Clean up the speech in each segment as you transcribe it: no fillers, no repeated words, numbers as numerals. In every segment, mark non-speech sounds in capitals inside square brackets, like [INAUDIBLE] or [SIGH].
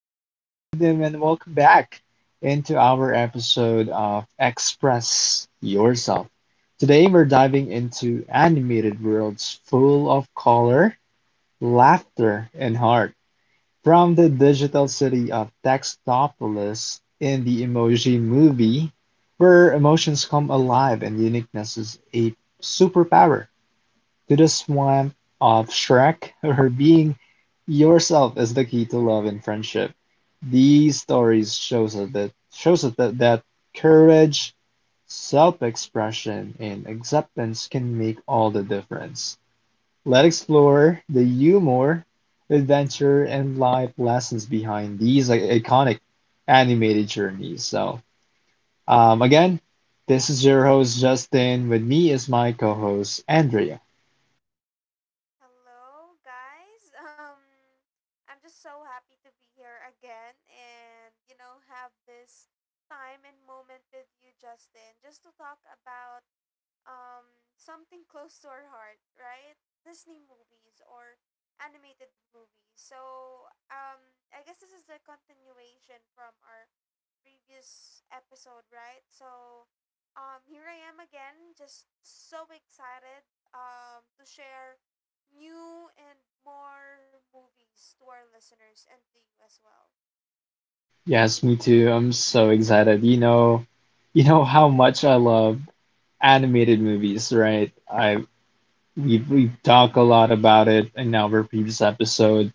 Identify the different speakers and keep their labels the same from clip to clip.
Speaker 1: Good evening, and welcome back into our episode of Express Yourself. Today, we're diving into animated worlds full of color, laughter, and heart. From the digital city of Textopolis in the Emoji Movie, where emotions come alive and uniqueness is a superpower. To the swamp of Shrek, or being yourself is the key to love and friendship. These stories shows us that that courage, self-expression, and acceptance can make all the difference. Let's explore the humor, adventure, and life lessons behind these iconic animated journeys. So, again, this is your host Justin. With me is my co-host Andrea.
Speaker 2: Hello, guys. [LAUGHS] I'm just so happy to be here again and, you know, have this time and moment with you, Justin, just to talk about something close to our heart, right? Disney movies or animated movies. So I guess this is the continuation from our previous episode, right? So here I am again, just so excited to share new and more movies to our listeners and to you as well.
Speaker 1: Yes, me too. I'm so excited. You know how much I love animated movies, right? I we've talked a lot about it in our previous episode,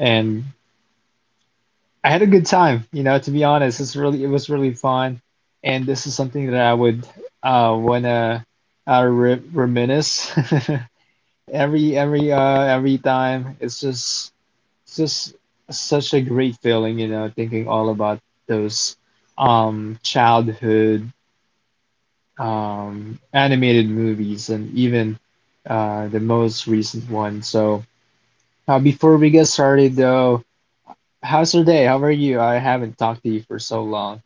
Speaker 1: and I had a good time, you know, to be honest. It was really fun, and this is something that I would wanna re reminisce [LAUGHS] every every time. It's just such a great feeling, you know, thinking all about those childhood animated movies and even the most recent one. So, before we get started, though, how's your day? How are you? I haven't talked to you for so long.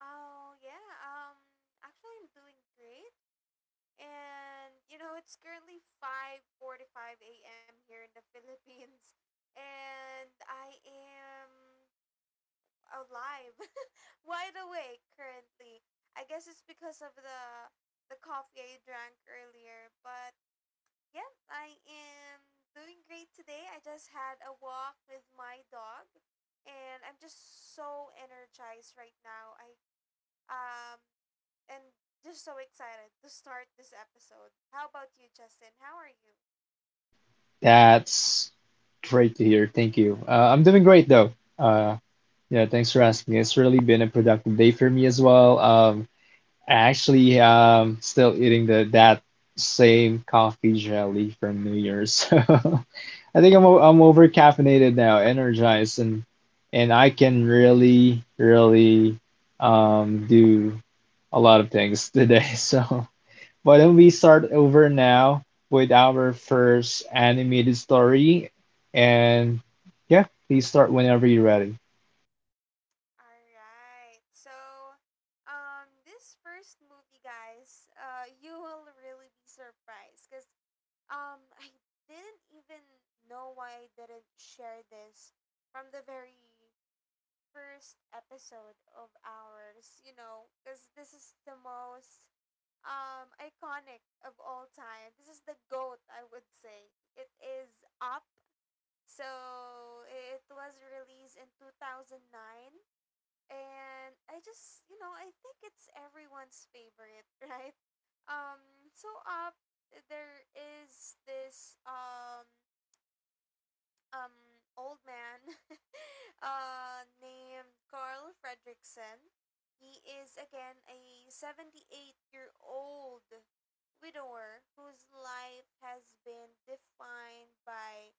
Speaker 2: Oh yeah, actually I'm doing great. And you know it's currently 5:45 a.m. here in the [LAUGHS] Philippines and I am alive, [LAUGHS] wide awake currently. I guess it's because of the coffee I drank earlier, but yeah, I am doing great today. I just had a walk with my dog and I'm just so energized right now. I um, and just so excited to start this episode. How about you, Justin? How are you?
Speaker 1: That's great to hear. Thank you. I'm doing great, though. Uh, yeah, thanks for asking. It's really been a productive day for me as well. Actually, still eating the that same coffee jelly from New Year's. [LAUGHS] So I think I'm over caffeinated now, energized, and I can really do a lot of things today. [LAUGHS] So why don't we start over now with our first animated story, and yeah, please start whenever you're ready.
Speaker 2: All right. So, this first movie, guys, you will really be surprised because I didn't even know why I didn't share this from the very first episode of ours. You know, because this is the most iconic of all time. This is the goat, I would say. It is Up. So it was released in 2009 and I just, you know, I think it's everyone's favorite, [LAUGHS] right? So Up, there is this um old man [LAUGHS] named Carl Fredrickson. He is again a 78-year-old widower whose life has been defined by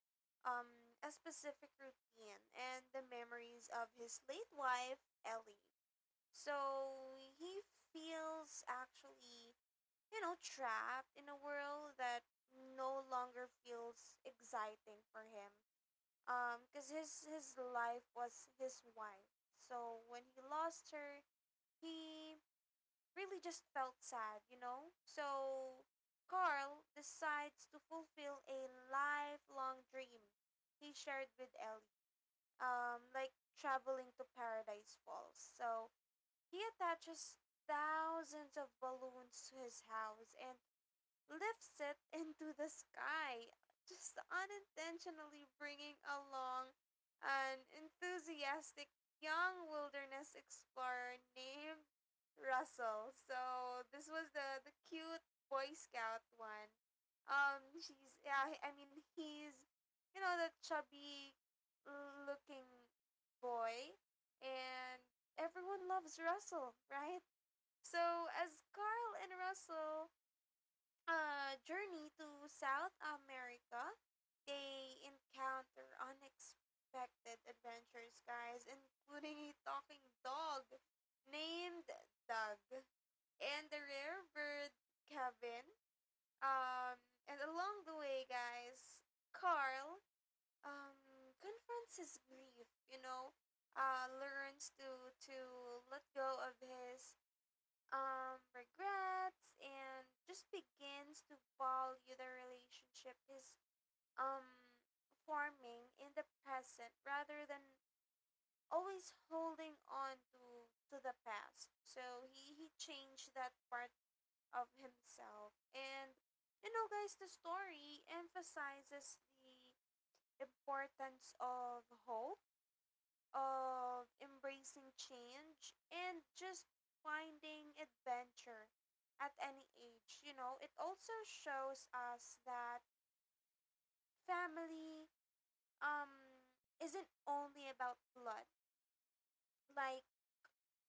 Speaker 2: a specific routine and the memories of his late wife Ellie. So he feels actually, you know, trapped in a world that no longer feels exciting for him because his life was his wife. So when he lost her, he really just felt sad, you know. So Carl decides to fulfill a lifelong dream he shared with Ellie, like traveling to Paradise Falls. So he attaches thousands of balloons to his house and lifts it into the sky, just unintentionally bringing along an enthusiastic young wilderness explorer named Russell. So this was the cute Boy Scout one. She's, yeah, I mean, he's, you know, the chubby looking boy, and everyone loves Russell, right? So as Carl and Russell a journey to South America, they encounter unexpected adventures, guys, including a talking dog named Doug and the rare bird Kevin. Um, and along the way, guys, Carl um, confronts his grief, you know, learns to let go of his regrets and just begins to value the relationship is um, forming in the present rather than always holding on to the past. So he changed that part of himself. And you know, guys, the story emphasizes the importance of hope, of embracing change, and just finding adventure at any age. You know, it also shows us that family um isn't only about blood. Like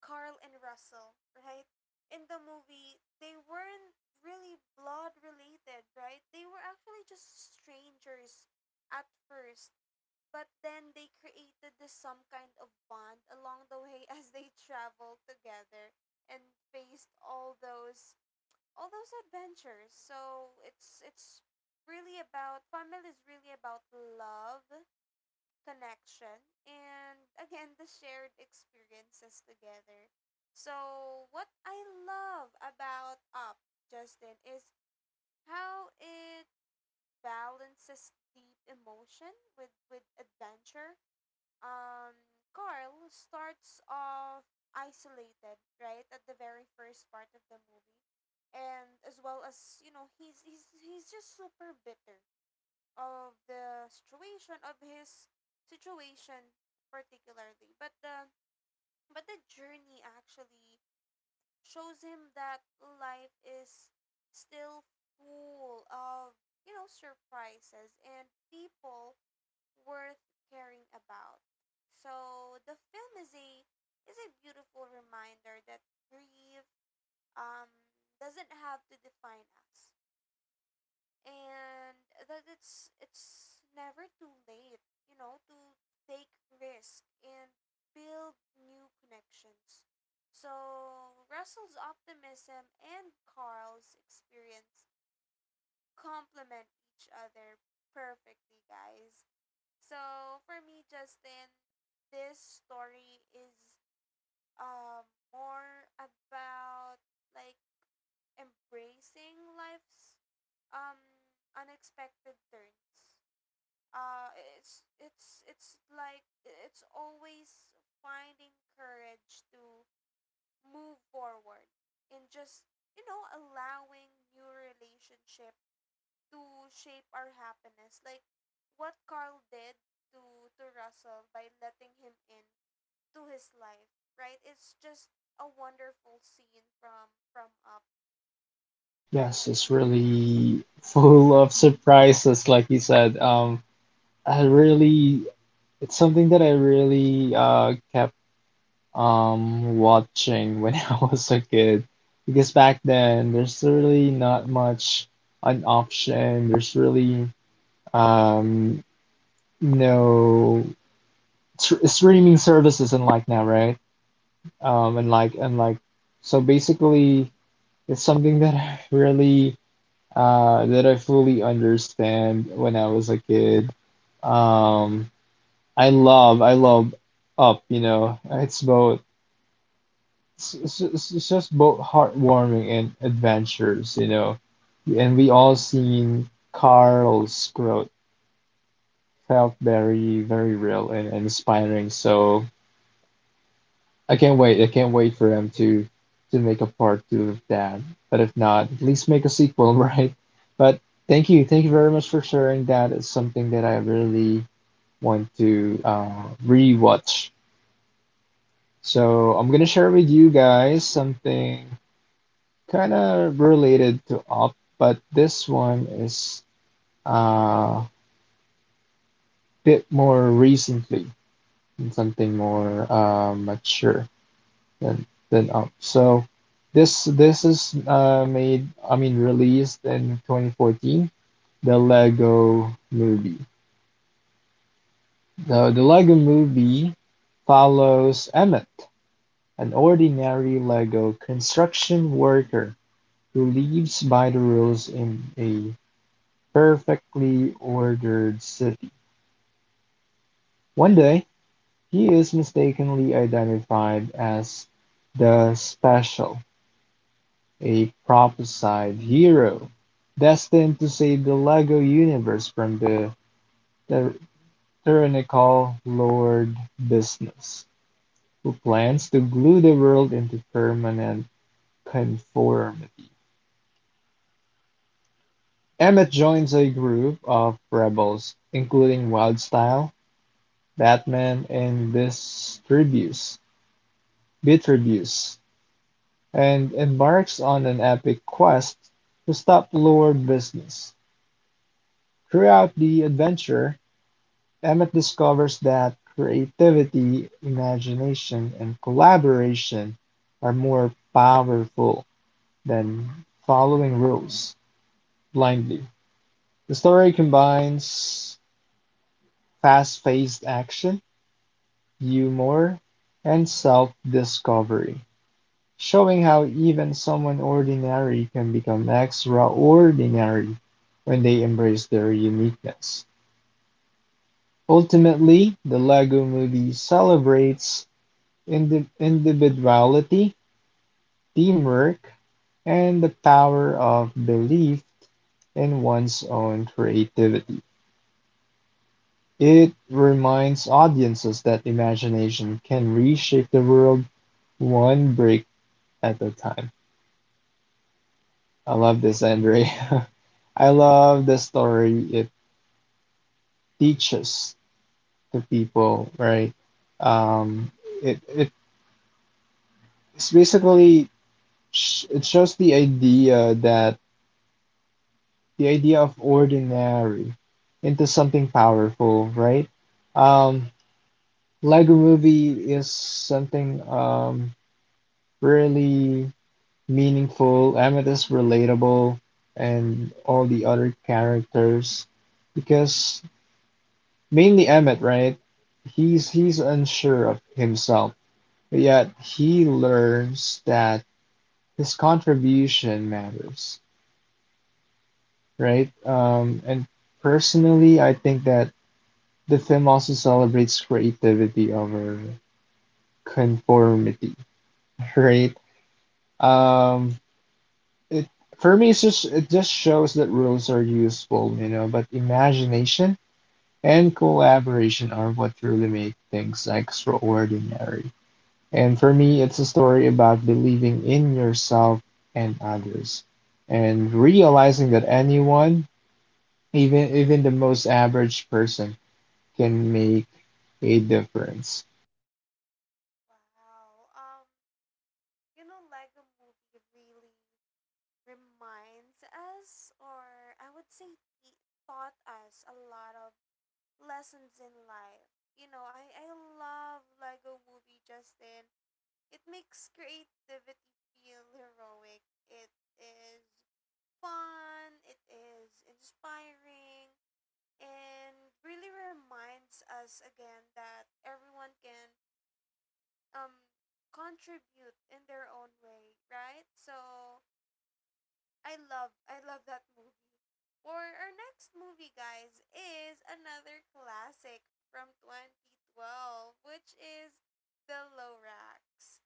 Speaker 2: Carl and Russell, right? In the movie, they weren't really blood related, right? They were actually just strangers at first. But then they created this some kind of bond along the way [LAUGHS] as they traveled together and faced all those adventures. So it's really about family, is really about love, connection, and again the shared experiences together. So what I love about Up, Justin, is how it balances deep emotion with adventure. um Carl starts off isolated, right, at the very first part of the movie. And as well as, you know, he's just super bitter of the situation of his situation particularly. But the journey actually shows him that life is still full of, you know, surprises and people worth caring about. So the film is a beautiful reminder that grief um, doesn't have to define us, and that it's never too late, you know, to take risk and build new connections. So Russell's optimism and Carl's experience complement each other perfectly, guys. So for me, Justin, this story is um more about like embracing life's um unexpected turns. Uh, it's like it's always finding courage to move forward and just, you know, allowing new relationship to shape our happiness. Like what Carl did to Russell by letting him in to his life, right? It's just a wonderful scene from Up.
Speaker 1: Yes, it's really full of surprises, like you said. I really, it's something that I really kept watching when [LAUGHS] I was a kid. Because back then, there's really not much an option. There's really um, no streaming services unlike now, right? Um, and like, and like, so basically, it's something that I [LAUGHS] that I fully understand when I was a kid. Um, I love Up, you know. It's just both heartwarming and adventures, you know. And we all seen Carl's growth felt very, very real and inspiring. I can't wait for them to make a part two of that. But if not, at least make a sequel, [LAUGHS] right? But thank you very much for sharing that. It's something that I really want to rewatch. So I'm gonna share with you guys something kind of related to up, but this one is uh, bit more recently and something more mature than up. So this is made I mean released in 2014, the Lego Movie. The Lego Movie follows Emmett, an ordinary Lego construction worker who lives by the rules in a perfectly ordered city. One day, he is mistakenly identified as the Special, a prophesied hero destined to save the Lego universe from the ty- tyrannical Lord Business, who plans to glue the world into permanent conformity. Emmett joins a group of rebels, including Wildstyle, Batman in this Distribues, Beetlejuice, and embarks on an epic quest to stop Lord Business. Throughout the adventure, Emmett discovers that creativity, imagination, and collaboration are more powerful than following rules blindly. The story combines fast-paced action, humor, and self-discovery, showing how even someone ordinary can become extraordinary when they embrace their uniqueness. Ultimately, the Lego movie celebrates individuality, teamwork, and the power of belief in one's own creativity. It reminds audiences that imagination can reshape the world one brick at a time. I love this, Andre. [LAUGHS] I love the story it teaches to people, right? Um, it it's basically sh It shows the idea of ordinary into something powerful, right? Um, Lego Movie is something really meaningful. Emmett is relatable, and all the other characters, because mainly Emmett, right? He's unsure of himself, but yet he learns that his contribution matters, right? And Personally, I think that the film also celebrates creativity over conformity, [LAUGHS] right? Um, it For me, it just shows that rules are useful, you know, but imagination and collaboration are what truly make things extraordinary. And for me, it's a story about believing in yourself and others and realizing that anyone, even the most average person, can make a difference.
Speaker 2: Wow. You know, Lego Movie really reminds us, or I would say, te- taught us a lot of lessons in life. You know, I love Lego Movie, Justin. It makes creativity feel heroic. It is fun, it is inspiring, and really reminds us again that everyone can um contribute in their own way, right? So I love that movie. For our next movie, guys, is another classic from 2012, which is The Lorax.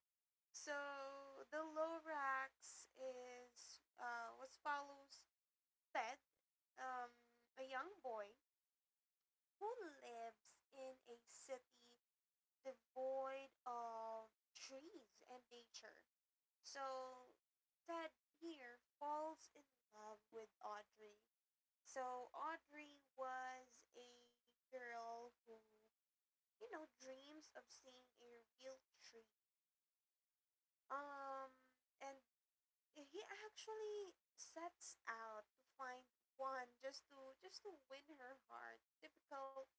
Speaker 2: So the Lorax is what follows Ted, um, a young boy who lives in a city devoid of trees and nature. So Ted here falls in love with Audrey. So Audrey was a girl who, you know, dreams of seeing a real tree. Um, and he actually sets out to find one just to win her heart. Typical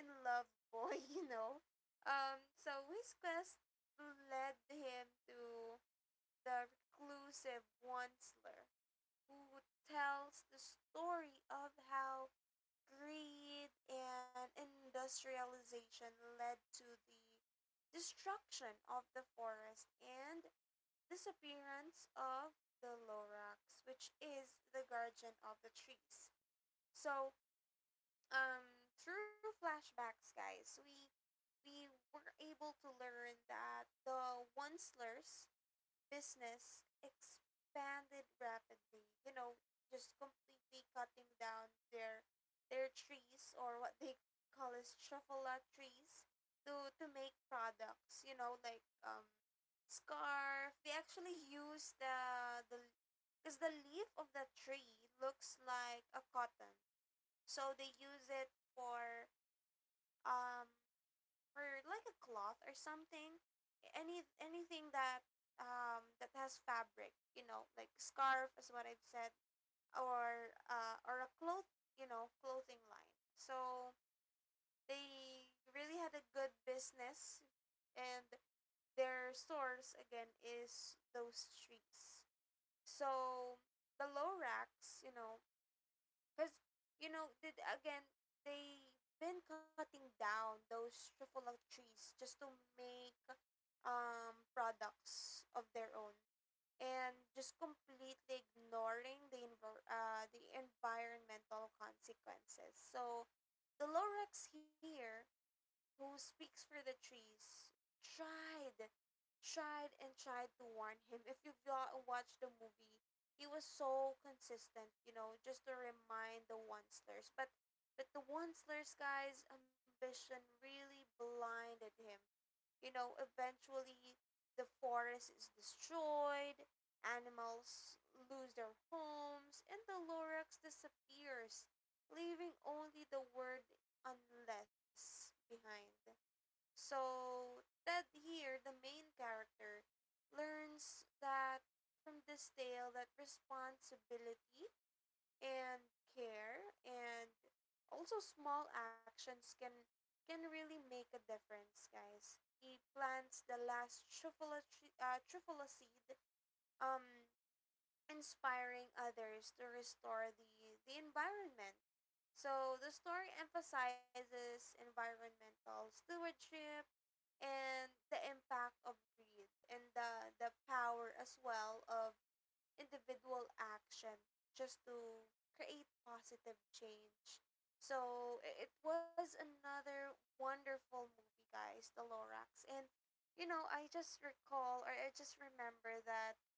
Speaker 2: in love boy, [LAUGHS] you know. So his quest led him to the reclusive Onceler, who tells the story of how greed and industrialization led to the destruction of the forest and this appearance of the Lorax, which is the guardian of the trees. So, through flashbacks, guys, we were able to learn that the Onslers business expanded rapidly. You know, just completely cutting down their trees or what they call as truffula trees to make products. You know, like scarf. They actually use the because the leaf of the tree looks like a cotton, so they use it um for like a cloth or something, anything that that has fabric, you know, like scarf is what I've said, or a cloth, you know, clothing line. So they really had a good business, and their source again is those trees. So the low racks, you know, because, you know, did again, they been cutting down those truffula trees just to make products of their own and just completely ignoring the the environmental consequences. So the Lorax here, who speaks for the trees, tried tried and tried to warn him. If you've watched the movie, he was so consistent, you know, just to remind the Onslers. But the Onslers guy's ambition really blinded him. You know, eventually the forest is destroyed, animals lose their homes, and the Lorax disappears, leaving only the word unless behind. So Ted here, the main character, learns that from this tale that responsibility and care and also small actions can really make a difference, guys. He plants the last trufula, trufula seed, um, inspiring others to restore the environment. So the story emphasizes environmental stewardship, and the impact of greed and the power as well of individual action just to create positive change. So it was another wonderful movie, guys, The Lorax. And you know, I just recall, or I just remember that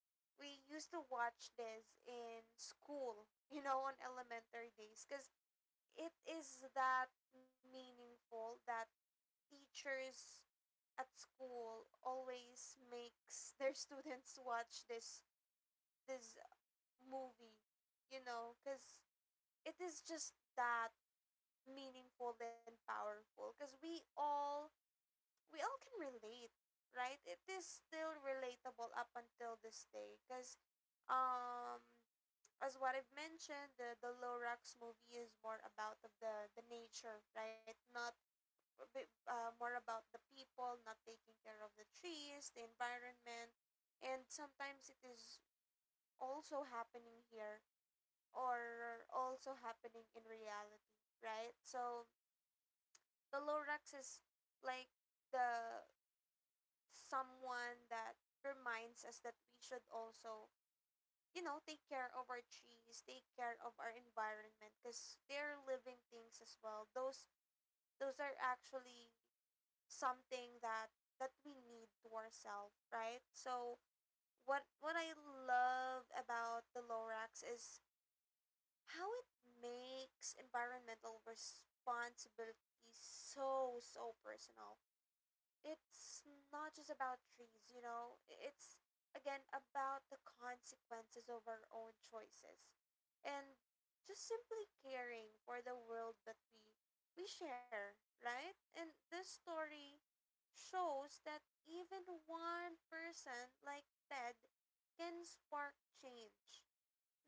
Speaker 2: we used to watch this in school, [LAUGHS] you know, on elementary days because it is that meaningful that teachers at school always makes their students watch this movie, you know, because it is just that meaningful and powerful. Because we all can relate, right? It is still relatable up until this day. Because um, as what I've mentioned, the Lorax movie is more about of the nature, right? Not a bit, more about the people not taking care of the trees, the environment, and sometimes it is also happening here or also happening in reality, right? So the Lorax is like the someone that reminds us that we should also, you know, take care of our trees, take care of our environment, because they're living things as well. Those are actually something that we need to ourselves, right? So what I love about the Lorax is how it makes environmental responsibility so personal. It's not just about trees, you know. It's again about the consequences of our own choices and just simply caring for the world that we share, right? And this story shows that even one person like Ted can spark change.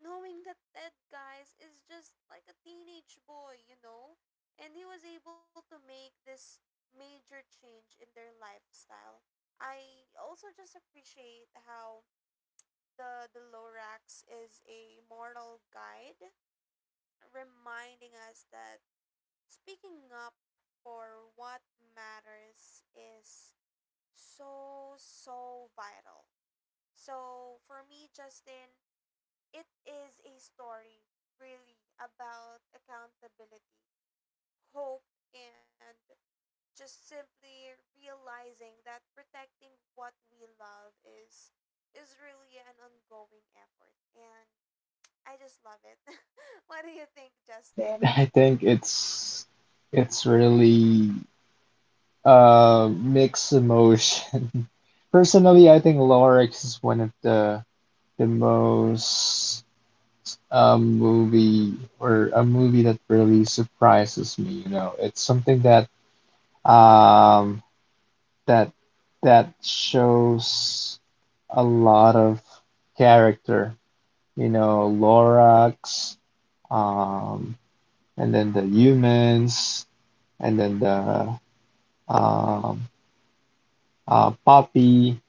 Speaker 2: Knowing that Ted, guys, is just like a teenage boy, you know? And he was able to make this major change in their lifestyle. I also just appreciate how the Lorax is a moral guide, reminding us that speaking up for what matters is so vital. So for me, Justin, it is a story really about accountability, hope, and just simply realizing that protecting what we love is really an ongoing effort, and I just love it. [LAUGHS] What do you think, Justin?
Speaker 1: I think it's really mixed emotion. [LAUGHS] Personally, I think Lorax is one of the most movie or a movie that really surprises me, you know. It's something that um, that that shows a lot of character. You know, Lorax, um, and then the humans, and then the um, Poppy.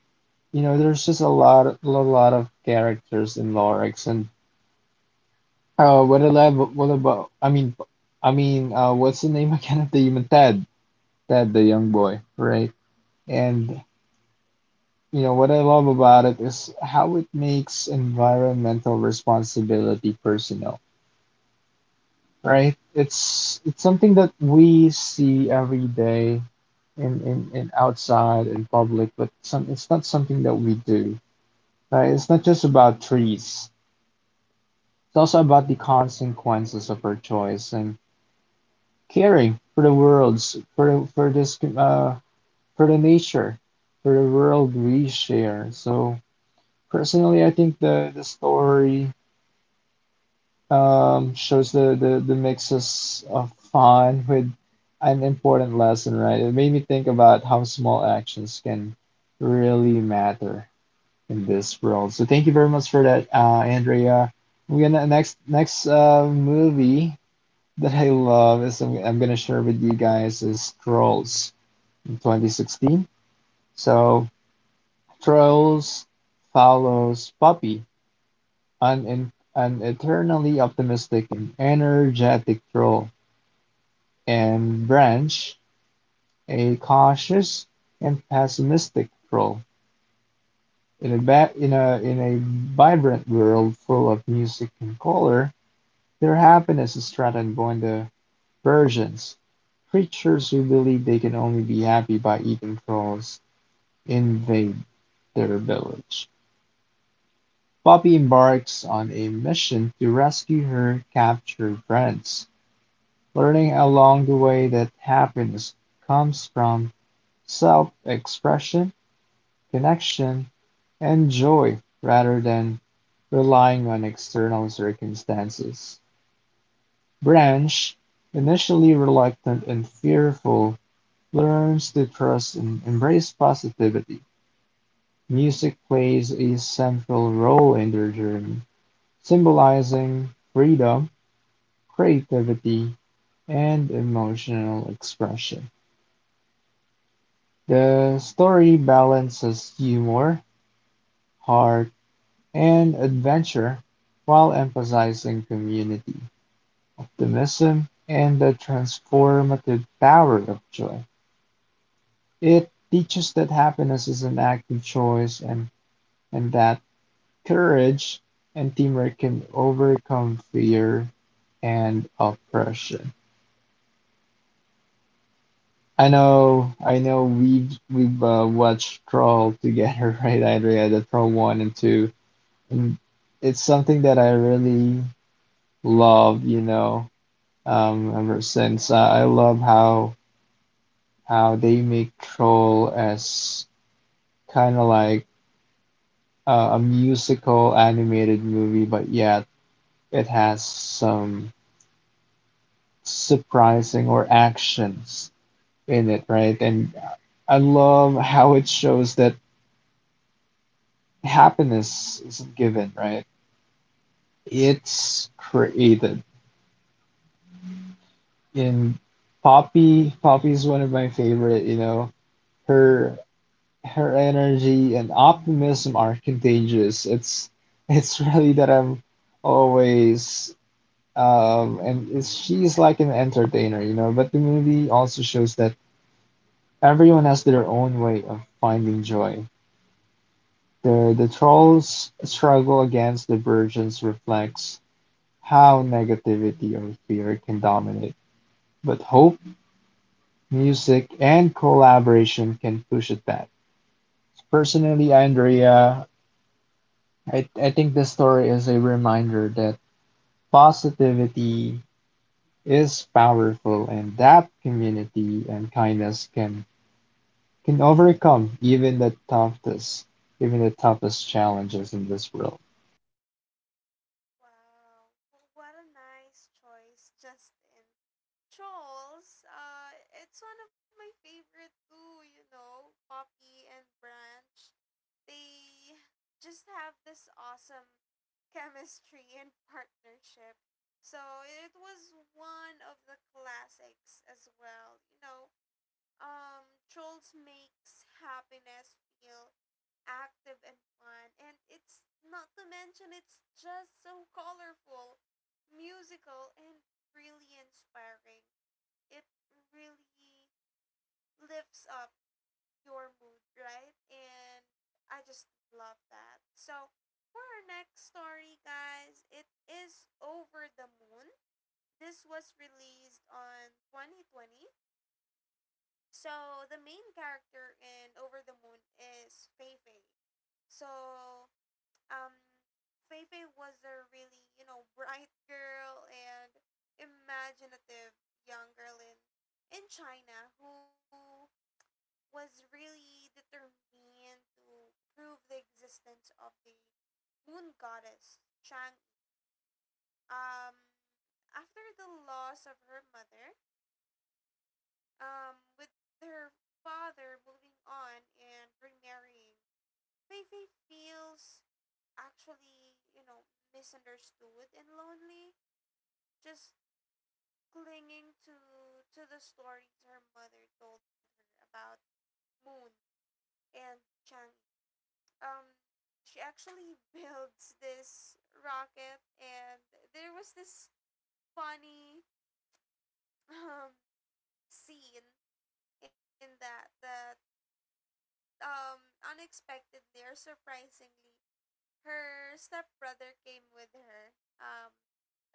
Speaker 1: You know, there's just a lot of characters in Lorax. And what about, what about? I mean, what's the name [LAUGHS] again of the human? Ted, the young boy, right? And you know, what I love about it is how it makes environmental responsibility personal, right? It's something that we see every day in outside in public, but some it's not something that we do. Right? It's not just about trees. It's also about the consequences of our choice and caring for the world's for the, for this for the nature, for the world we share. So personally, I think the story shows the mixes of fun with an important lesson, right? It made me think about how small actions can really matter in this world. So thank you very much for that, Andrea. We're gonna next Next movie that I love is I'm gonna share with you guys is Trolls in 2016. So Trolls follows Puppy, an eternally optimistic and energetic troll and Branch, a cautious and pessimistic pro. In a, ba- in, a, In a vibrant world full of music and color, their happiness is threatened by the virgins, creatures who believe they can only be happy by eating trolls, invade their village. Poppy embarks on a mission to rescue her captured friends, learning along the way that happiness comes from self expression, connection, and joy rather than relying on external circumstances. Branch, initially reluctant and fearful, learns to trust and embrace positivity. Music plays a central role in their journey, symbolizing freedom, creativity, and emotional expression. The story balances humor, heart, and adventure while emphasizing community, optimism, and the transformative power of joy. It teaches that happiness is an active choice, and that courage and teamwork can overcome fear and oppression. I know we've watched Troll together, [LAUGHS] right, Andrea? The Troll 1 and 2. And it's something that I really love, you know, ever since. I love how they make Troll as kind of like a musical animated movie, but yet it has some surprising or actions in it, right? And I love how it shows that happiness isn't given, right? It's created. And Poppy's one of my favorite, you know. Her Her energy and optimism are contagious. It's really that I'm always she's like an entertainer, you know. But the movie also shows that everyone has their own way of finding joy. The trolls struggle against the virgins reflects how negativity or fear can dominate. But hope, music, and collaboration can push it back. Personally, Andrea, I think this story is a reminder that positivity is powerful and that community and kindness can overcome even the toughest challenges in this world.
Speaker 2: Wow, what a nice choice, Justin. Trolls, it's one of my favorite too, you know, Poppy and Branch. They just have this awesome chemistry [LAUGHS] and partnership. So it was one of the classics as well, you know. Trolls makes happiness feel active and fun, and it's not to mention it's just so colorful, musical, and really inspiring. It really lifts up your mood, right? And I just love that. So, for our next story, guys, it is Over the Moon. This was released on 2020. So, the main character in Over the Moon is Feifei. So, um, Feifei was a really, you know, bright girl and imaginative young girl in China who was really determined to prove the existence of the moon goddess Chang'e. Um, after the loss of her mother, with her father moving on and remarrying, Fei Fei feels actually, you know, misunderstood and lonely, just clinging to the stories her mother told her about Moon and Chang'e. um she actually [LAUGHS] builds this rocket, and there was this funny um scene in that um unexpectedly or surprisingly her stepbrother came with her. um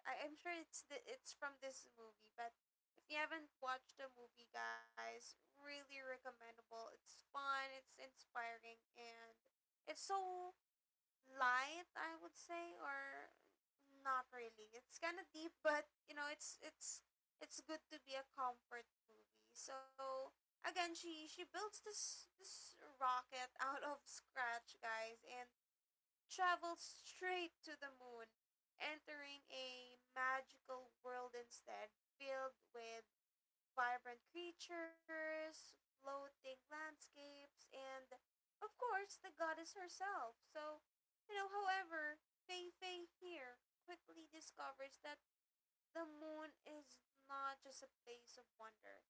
Speaker 2: I'm sure it's it's from this movie, but if you haven't watched the movie, guys, really recommendable. It's fun, it's inspiring, and it's so light, I would say, or not really, it's kind of deep, [LAUGHS] but you know it's it's good to be a comfort movie. So again, she builds this rocket [LAUGHS] out of scratch, guys, and travels straight to the moon, entering a magical world instead, filled with vibrant creatures, floating landscapes, and of course the goddess herself. So, you know, however, Fei Fei here quickly discovers that the moon is not just a place of wonder,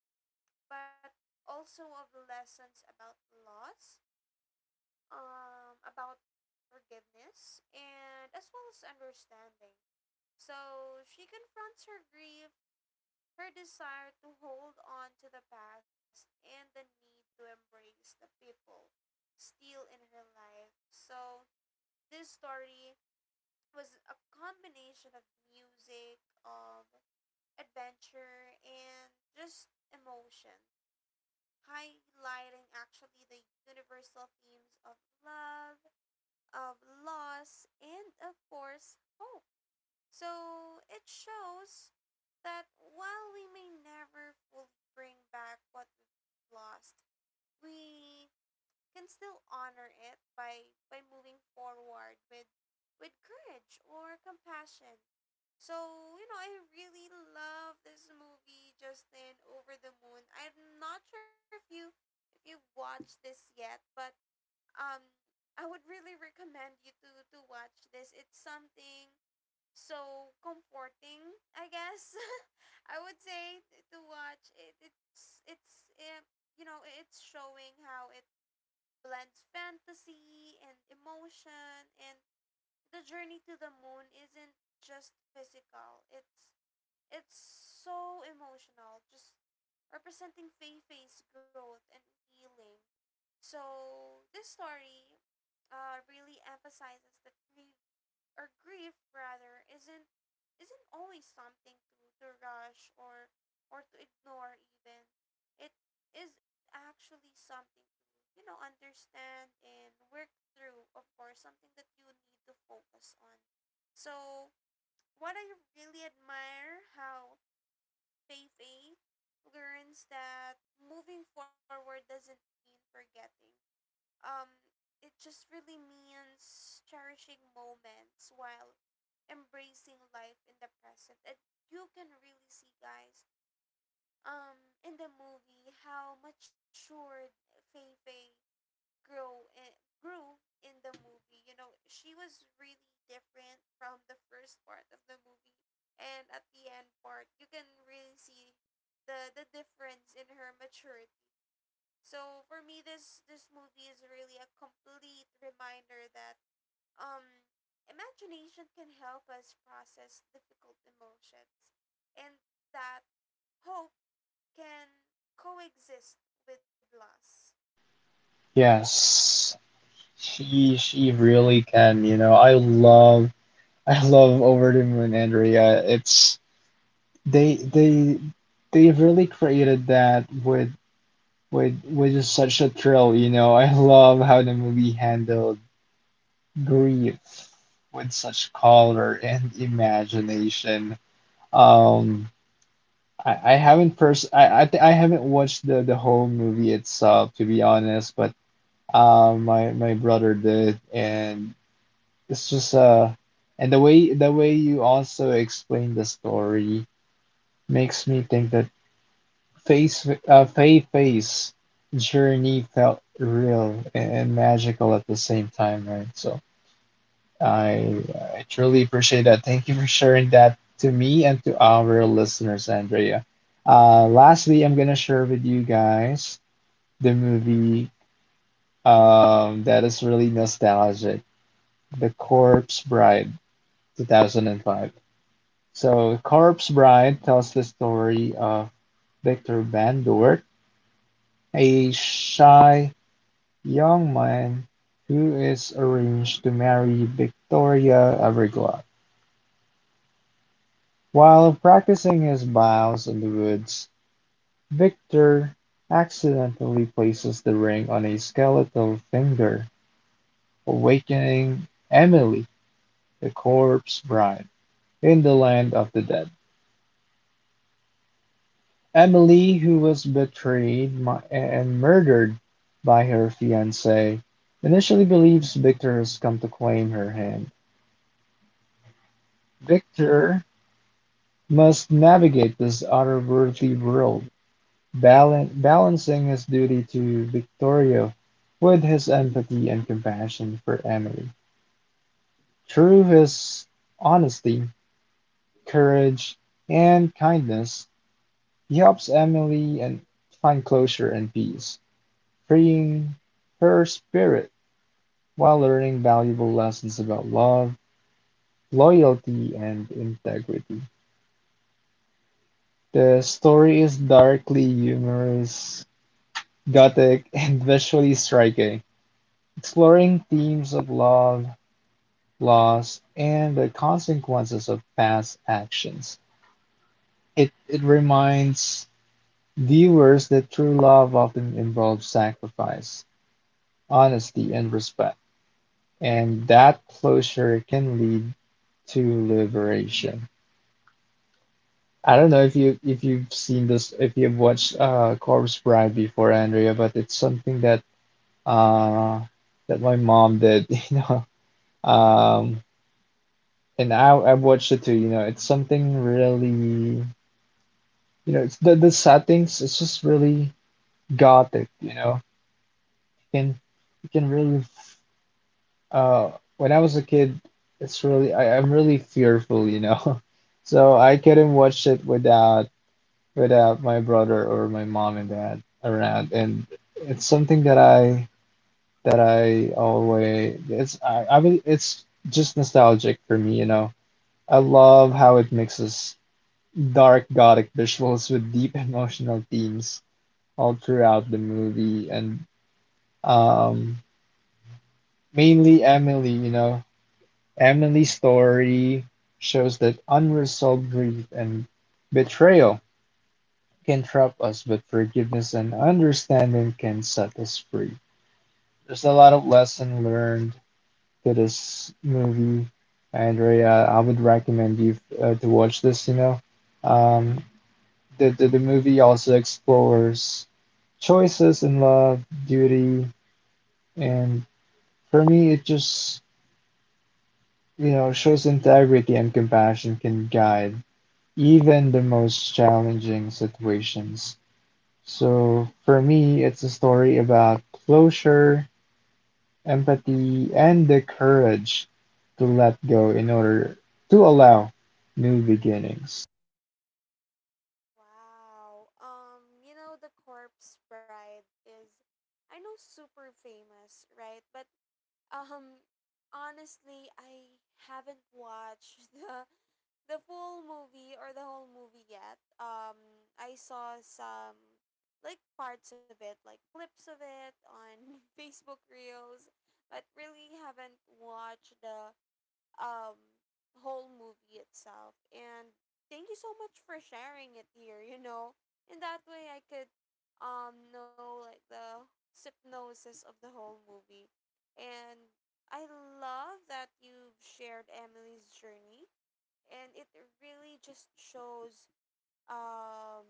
Speaker 2: but also of lessons about loss, about forgiveness, and as well as understanding. So she confronts her grief. Her desire to hold on to the past and the need to embrace the people still in her life. So, this story was a combination of music, of adventure, and just emotion, highlighting actually the universal themes of love, of loss, and of course, hope. So, it shows that while we may never fully bring back what we've lost, we can still honor it by moving forward with courage or compassion. So, you know, I really love this movie, Justin, Over the Moon. I'm not sure if you've watched this yet, but um I would really recommend you to watch this. It's something so comforting, I guess, [LAUGHS] I would say to watch it. It's you know, it's showing how it blends fantasy and emotion, and the journey to the moon isn't just physical, it's so emotional, just representing Fei-Fei's growth and healing. So this story really emphasizes that grief, or grief rather, isn't always something to rush or to ignore even. It is actually something to, you know, understand and work through, of course, something that you need to focus on. So what I really admire, how Feifei learns that moving forward doesn't mean forgetting. um it just really means cherishing moments while embracing life in the present. And you can really see, guys, in the movie how matured Fei Fei grow and grew in the movie. You know, she was really different from the first part of the movie, and at the end part you can really see the difference in her maturity. So for me, this movie is really a complete reminder that um, imagination can help us process difficult emotions, and that hope can coexist with loss.
Speaker 1: Yes. She really can, you know. I love Over the Moon, Andrea. It's they they they really created that with just such a thrill, you know. I love how the movie handled grief with such color and imagination. Um, I haven't pers I, th I haven't watched the whole movie itself to be honest, but my my brother did, and it's just and the way you also explain the story makes me think that face Faye Faye's journey felt real and magical at the same time, right? So, I, I truly appreciate that. Thank you for sharing that to me and to our listeners, Andrea. Lastly, I'm gonna share with you guys the movie that is really nostalgic, The Corpse Bride, 2005. So, Corpse Bride tells the story of Victor Van Dort, a shy young man who is arranged to marry Victoria Everglade. While practicing his vows in the woods, Victor accidentally places the ring on a skeletal finger, awakening Emily, the corpse bride, in the land of the dead. Emily, who was betrayed and murdered by her fiancé, initially believes Victor has come to claim her hand. Victor must navigate this otherworldly world, balancing his duty to Victorio with his empathy and compassion for Emily. Through his honesty, courage, and kindness, he helps Emily and find closure and peace, freeing her spirit while learning valuable lessons about love, loyalty, and integrity. The story is darkly humorous, gothic, and visually striking, exploring themes of love, loss, and the consequences of past actions. It reminds viewers that true love often involves sacrifice, honesty, and respect, and that closure can lead to liberation. I don't know if you've seen this, if you've watched Corpse Bride before, Andrea, but it's something that uh that my mom did, [LAUGHS] you know. Um and I watched it too, you know. It's something really. You know, it's the settings. It's just really gothic. You know, you can you can really. Uh, when I was a kid, it's really, I'm really fearful. You know, [LAUGHS] so I couldn't watch it without without my brother or my mom and dad around, and it's something that I always it's I will- it's just nostalgic for me. You know, I love how it mixes dark gothic visuals with deep [LAUGHS] emotional themes all throughout the movie. And um mainly Emily, you know, Emily's story shows that unresolved grief and betrayal can trap us, but forgiveness and understanding can set us free. There's a lot of lesson learned to this movie, Andrea. I would recommend you, to watch this, you know. Um, the movie also explores choices in love, duty, and. For me, it just, you know, shows integrity and compassion can guide even the most challenging situations. So for me, it's a story about closure, empathy, and the courage to let go in order to allow new beginnings.
Speaker 2: Wow. You know, The Corpse Bride is, I know, super famous, right? But um, honestly, I haven't watched [LAUGHS] the full movie or the whole movie yet. I saw some, like, parts of it, like clips of it on [LAUGHS] Facebook Reels, but really haven't watched the um whole movie itself. And thank you so much for sharing it here. You know, in that way I could know, like, the synopsis of the whole movie, and I love that you've shared Emily's journey, and it really just shows um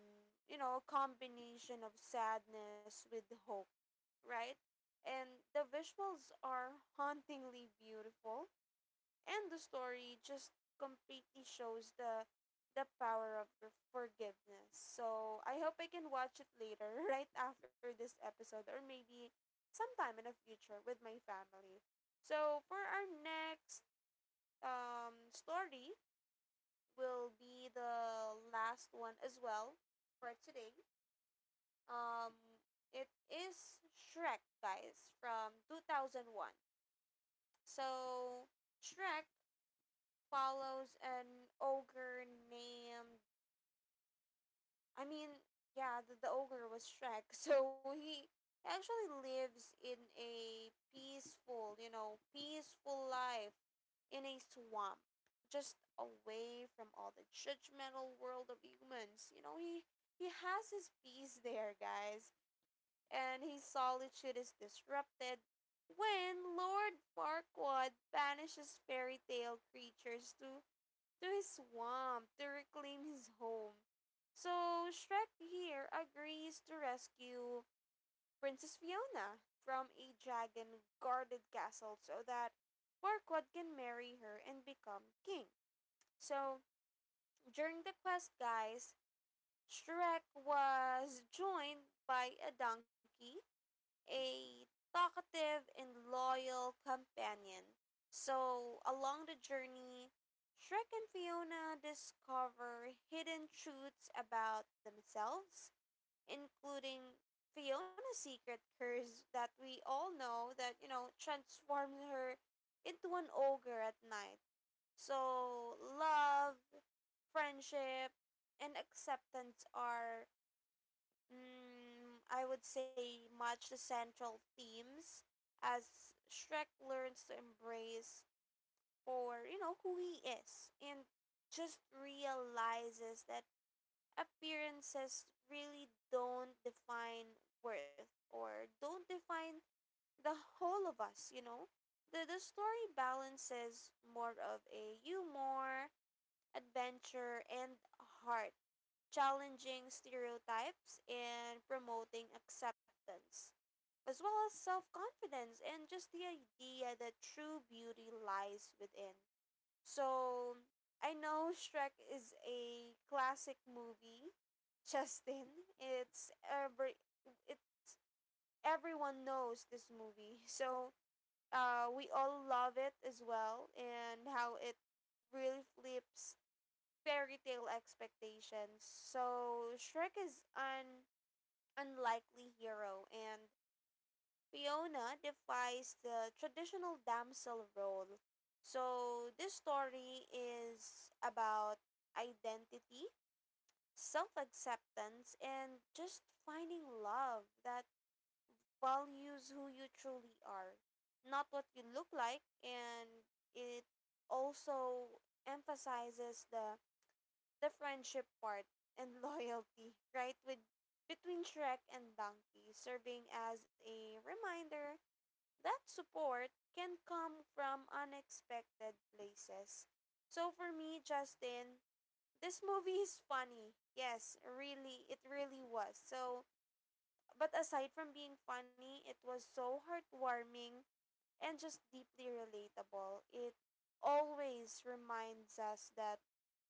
Speaker 2: you know, a combination of sadness with hope, right? And the visuals are hauntingly beautiful, and the story just completely shows the power of your forgiveness. So I hope I can watch it later [LAUGHS] right after this episode, or maybe sometime in the future with my family. So for our next story, will be the last one as well for today. Um, it is Shrek, guys, from 2001. So, Shrek follows an ogre named, I mean, yeah, the ogre was Shrek. [LAUGHS] So he actually lives in a peaceful, you know, peaceful life in a swamp, just away from all the judgmental world of humans. You know, he has his peace there, guys, and his solitude is disrupted when Lord Farquaad banishes fairy tale creatures to his swamp to reclaim his home. So Shrek here agrees to rescue Princess Fiona from a dragon guarded castle so that Farquaad can marry her and become king. So during the quest, guys, Shrek was joined by a donkey, a talkative and loyal companion. So, along the journey, Shrek and Fiona discover hidden truths about themselves, including Fiona's secret curse that we all know, that, you know, transforms her into an ogre at night. So, love, friendship, and acceptance are, mm, I would say, much the central themes as Shrek learns to embrace for, you know, who he is, and just realizes that appearances really don't define worth, or don't define the whole of us, you know? The story balances more of a humor, adventure and heart, challenging stereotypes and promoting acceptance, as well as self confidence and just the idea that true beauty lies within. So, I know Shrek is a classic movie, [LAUGHS] Justin. It's every it's everyone knows this movie. [LAUGHS] So, we all love it as well and how it really flips fairy tale expectations. So Shrek is an unlikely hero, and Fiona defies the traditional damsel role. So this story is about identity, self acceptance, and just finding love that values who you truly are, not what you look like, and it also emphasizes the friendship part and [LAUGHS] loyalty, right? With between Shrek and Donkey, serving as a reminder that support can come from unexpected places. So for me, Justin, this movie is funny. Yes, really, it really was. So, but aside from being funny, it was so heartwarming and just deeply relatable. It always reminds us that,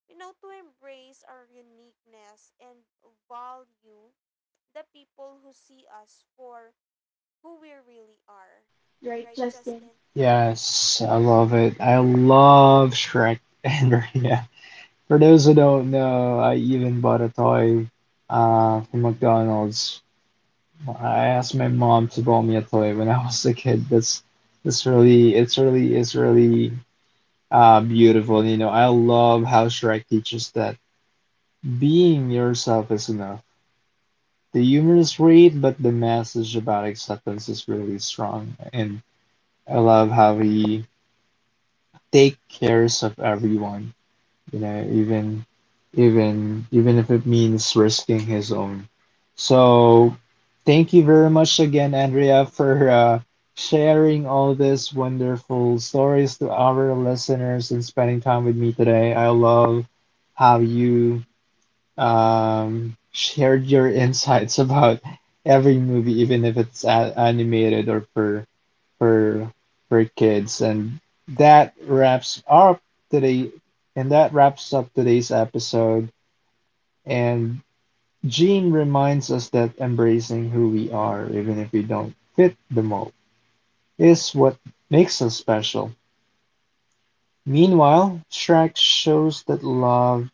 Speaker 2: you know, to embrace our uniqueness and value the people who see us for who we really are. Right, Justin?
Speaker 1: Yes, I love it. I love Shrek [LAUGHS] and Maria. For those who don't know, I even bought a toy, from McDonald's. I asked my mom to buy me a toy when I was a kid. That's really it's really it's really beautiful. You know, I love how Shrek teaches that being yourself is enough. The humor is great, but the message about acceptance is really strong, and I love how he take cares of everyone. You know, even even if it means risking his own. So thank you very much again, Andrea, for sharing all these wonderful stories to our listeners and spending time with me today. I love how you shared your [LAUGHS] insights about every movie, even if it's animated or per for for kids. And that wraps up today that wraps up today's episode. And Gene reminds us that embracing who we are, even if we don't fit the mold, is what makes us special. Meanwhile, Shrek shows that love,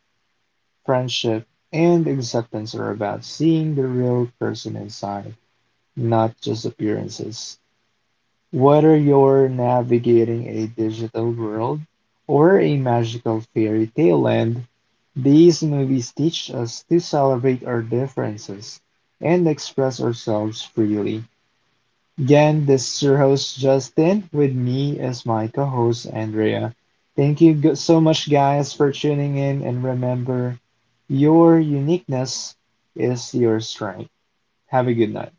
Speaker 1: friendship, and acceptance are about seeing the real person inside, not just appearances. Whether you're navigating a digital world or a magical fairy tale land, these movies teach us to celebrate our differences and express ourselves freely. Again, this is your host Justin. With me is my co host Andrea. Thank you so much, guys, for tuning in. And remember, your uniqueness is your strength. Have a good night.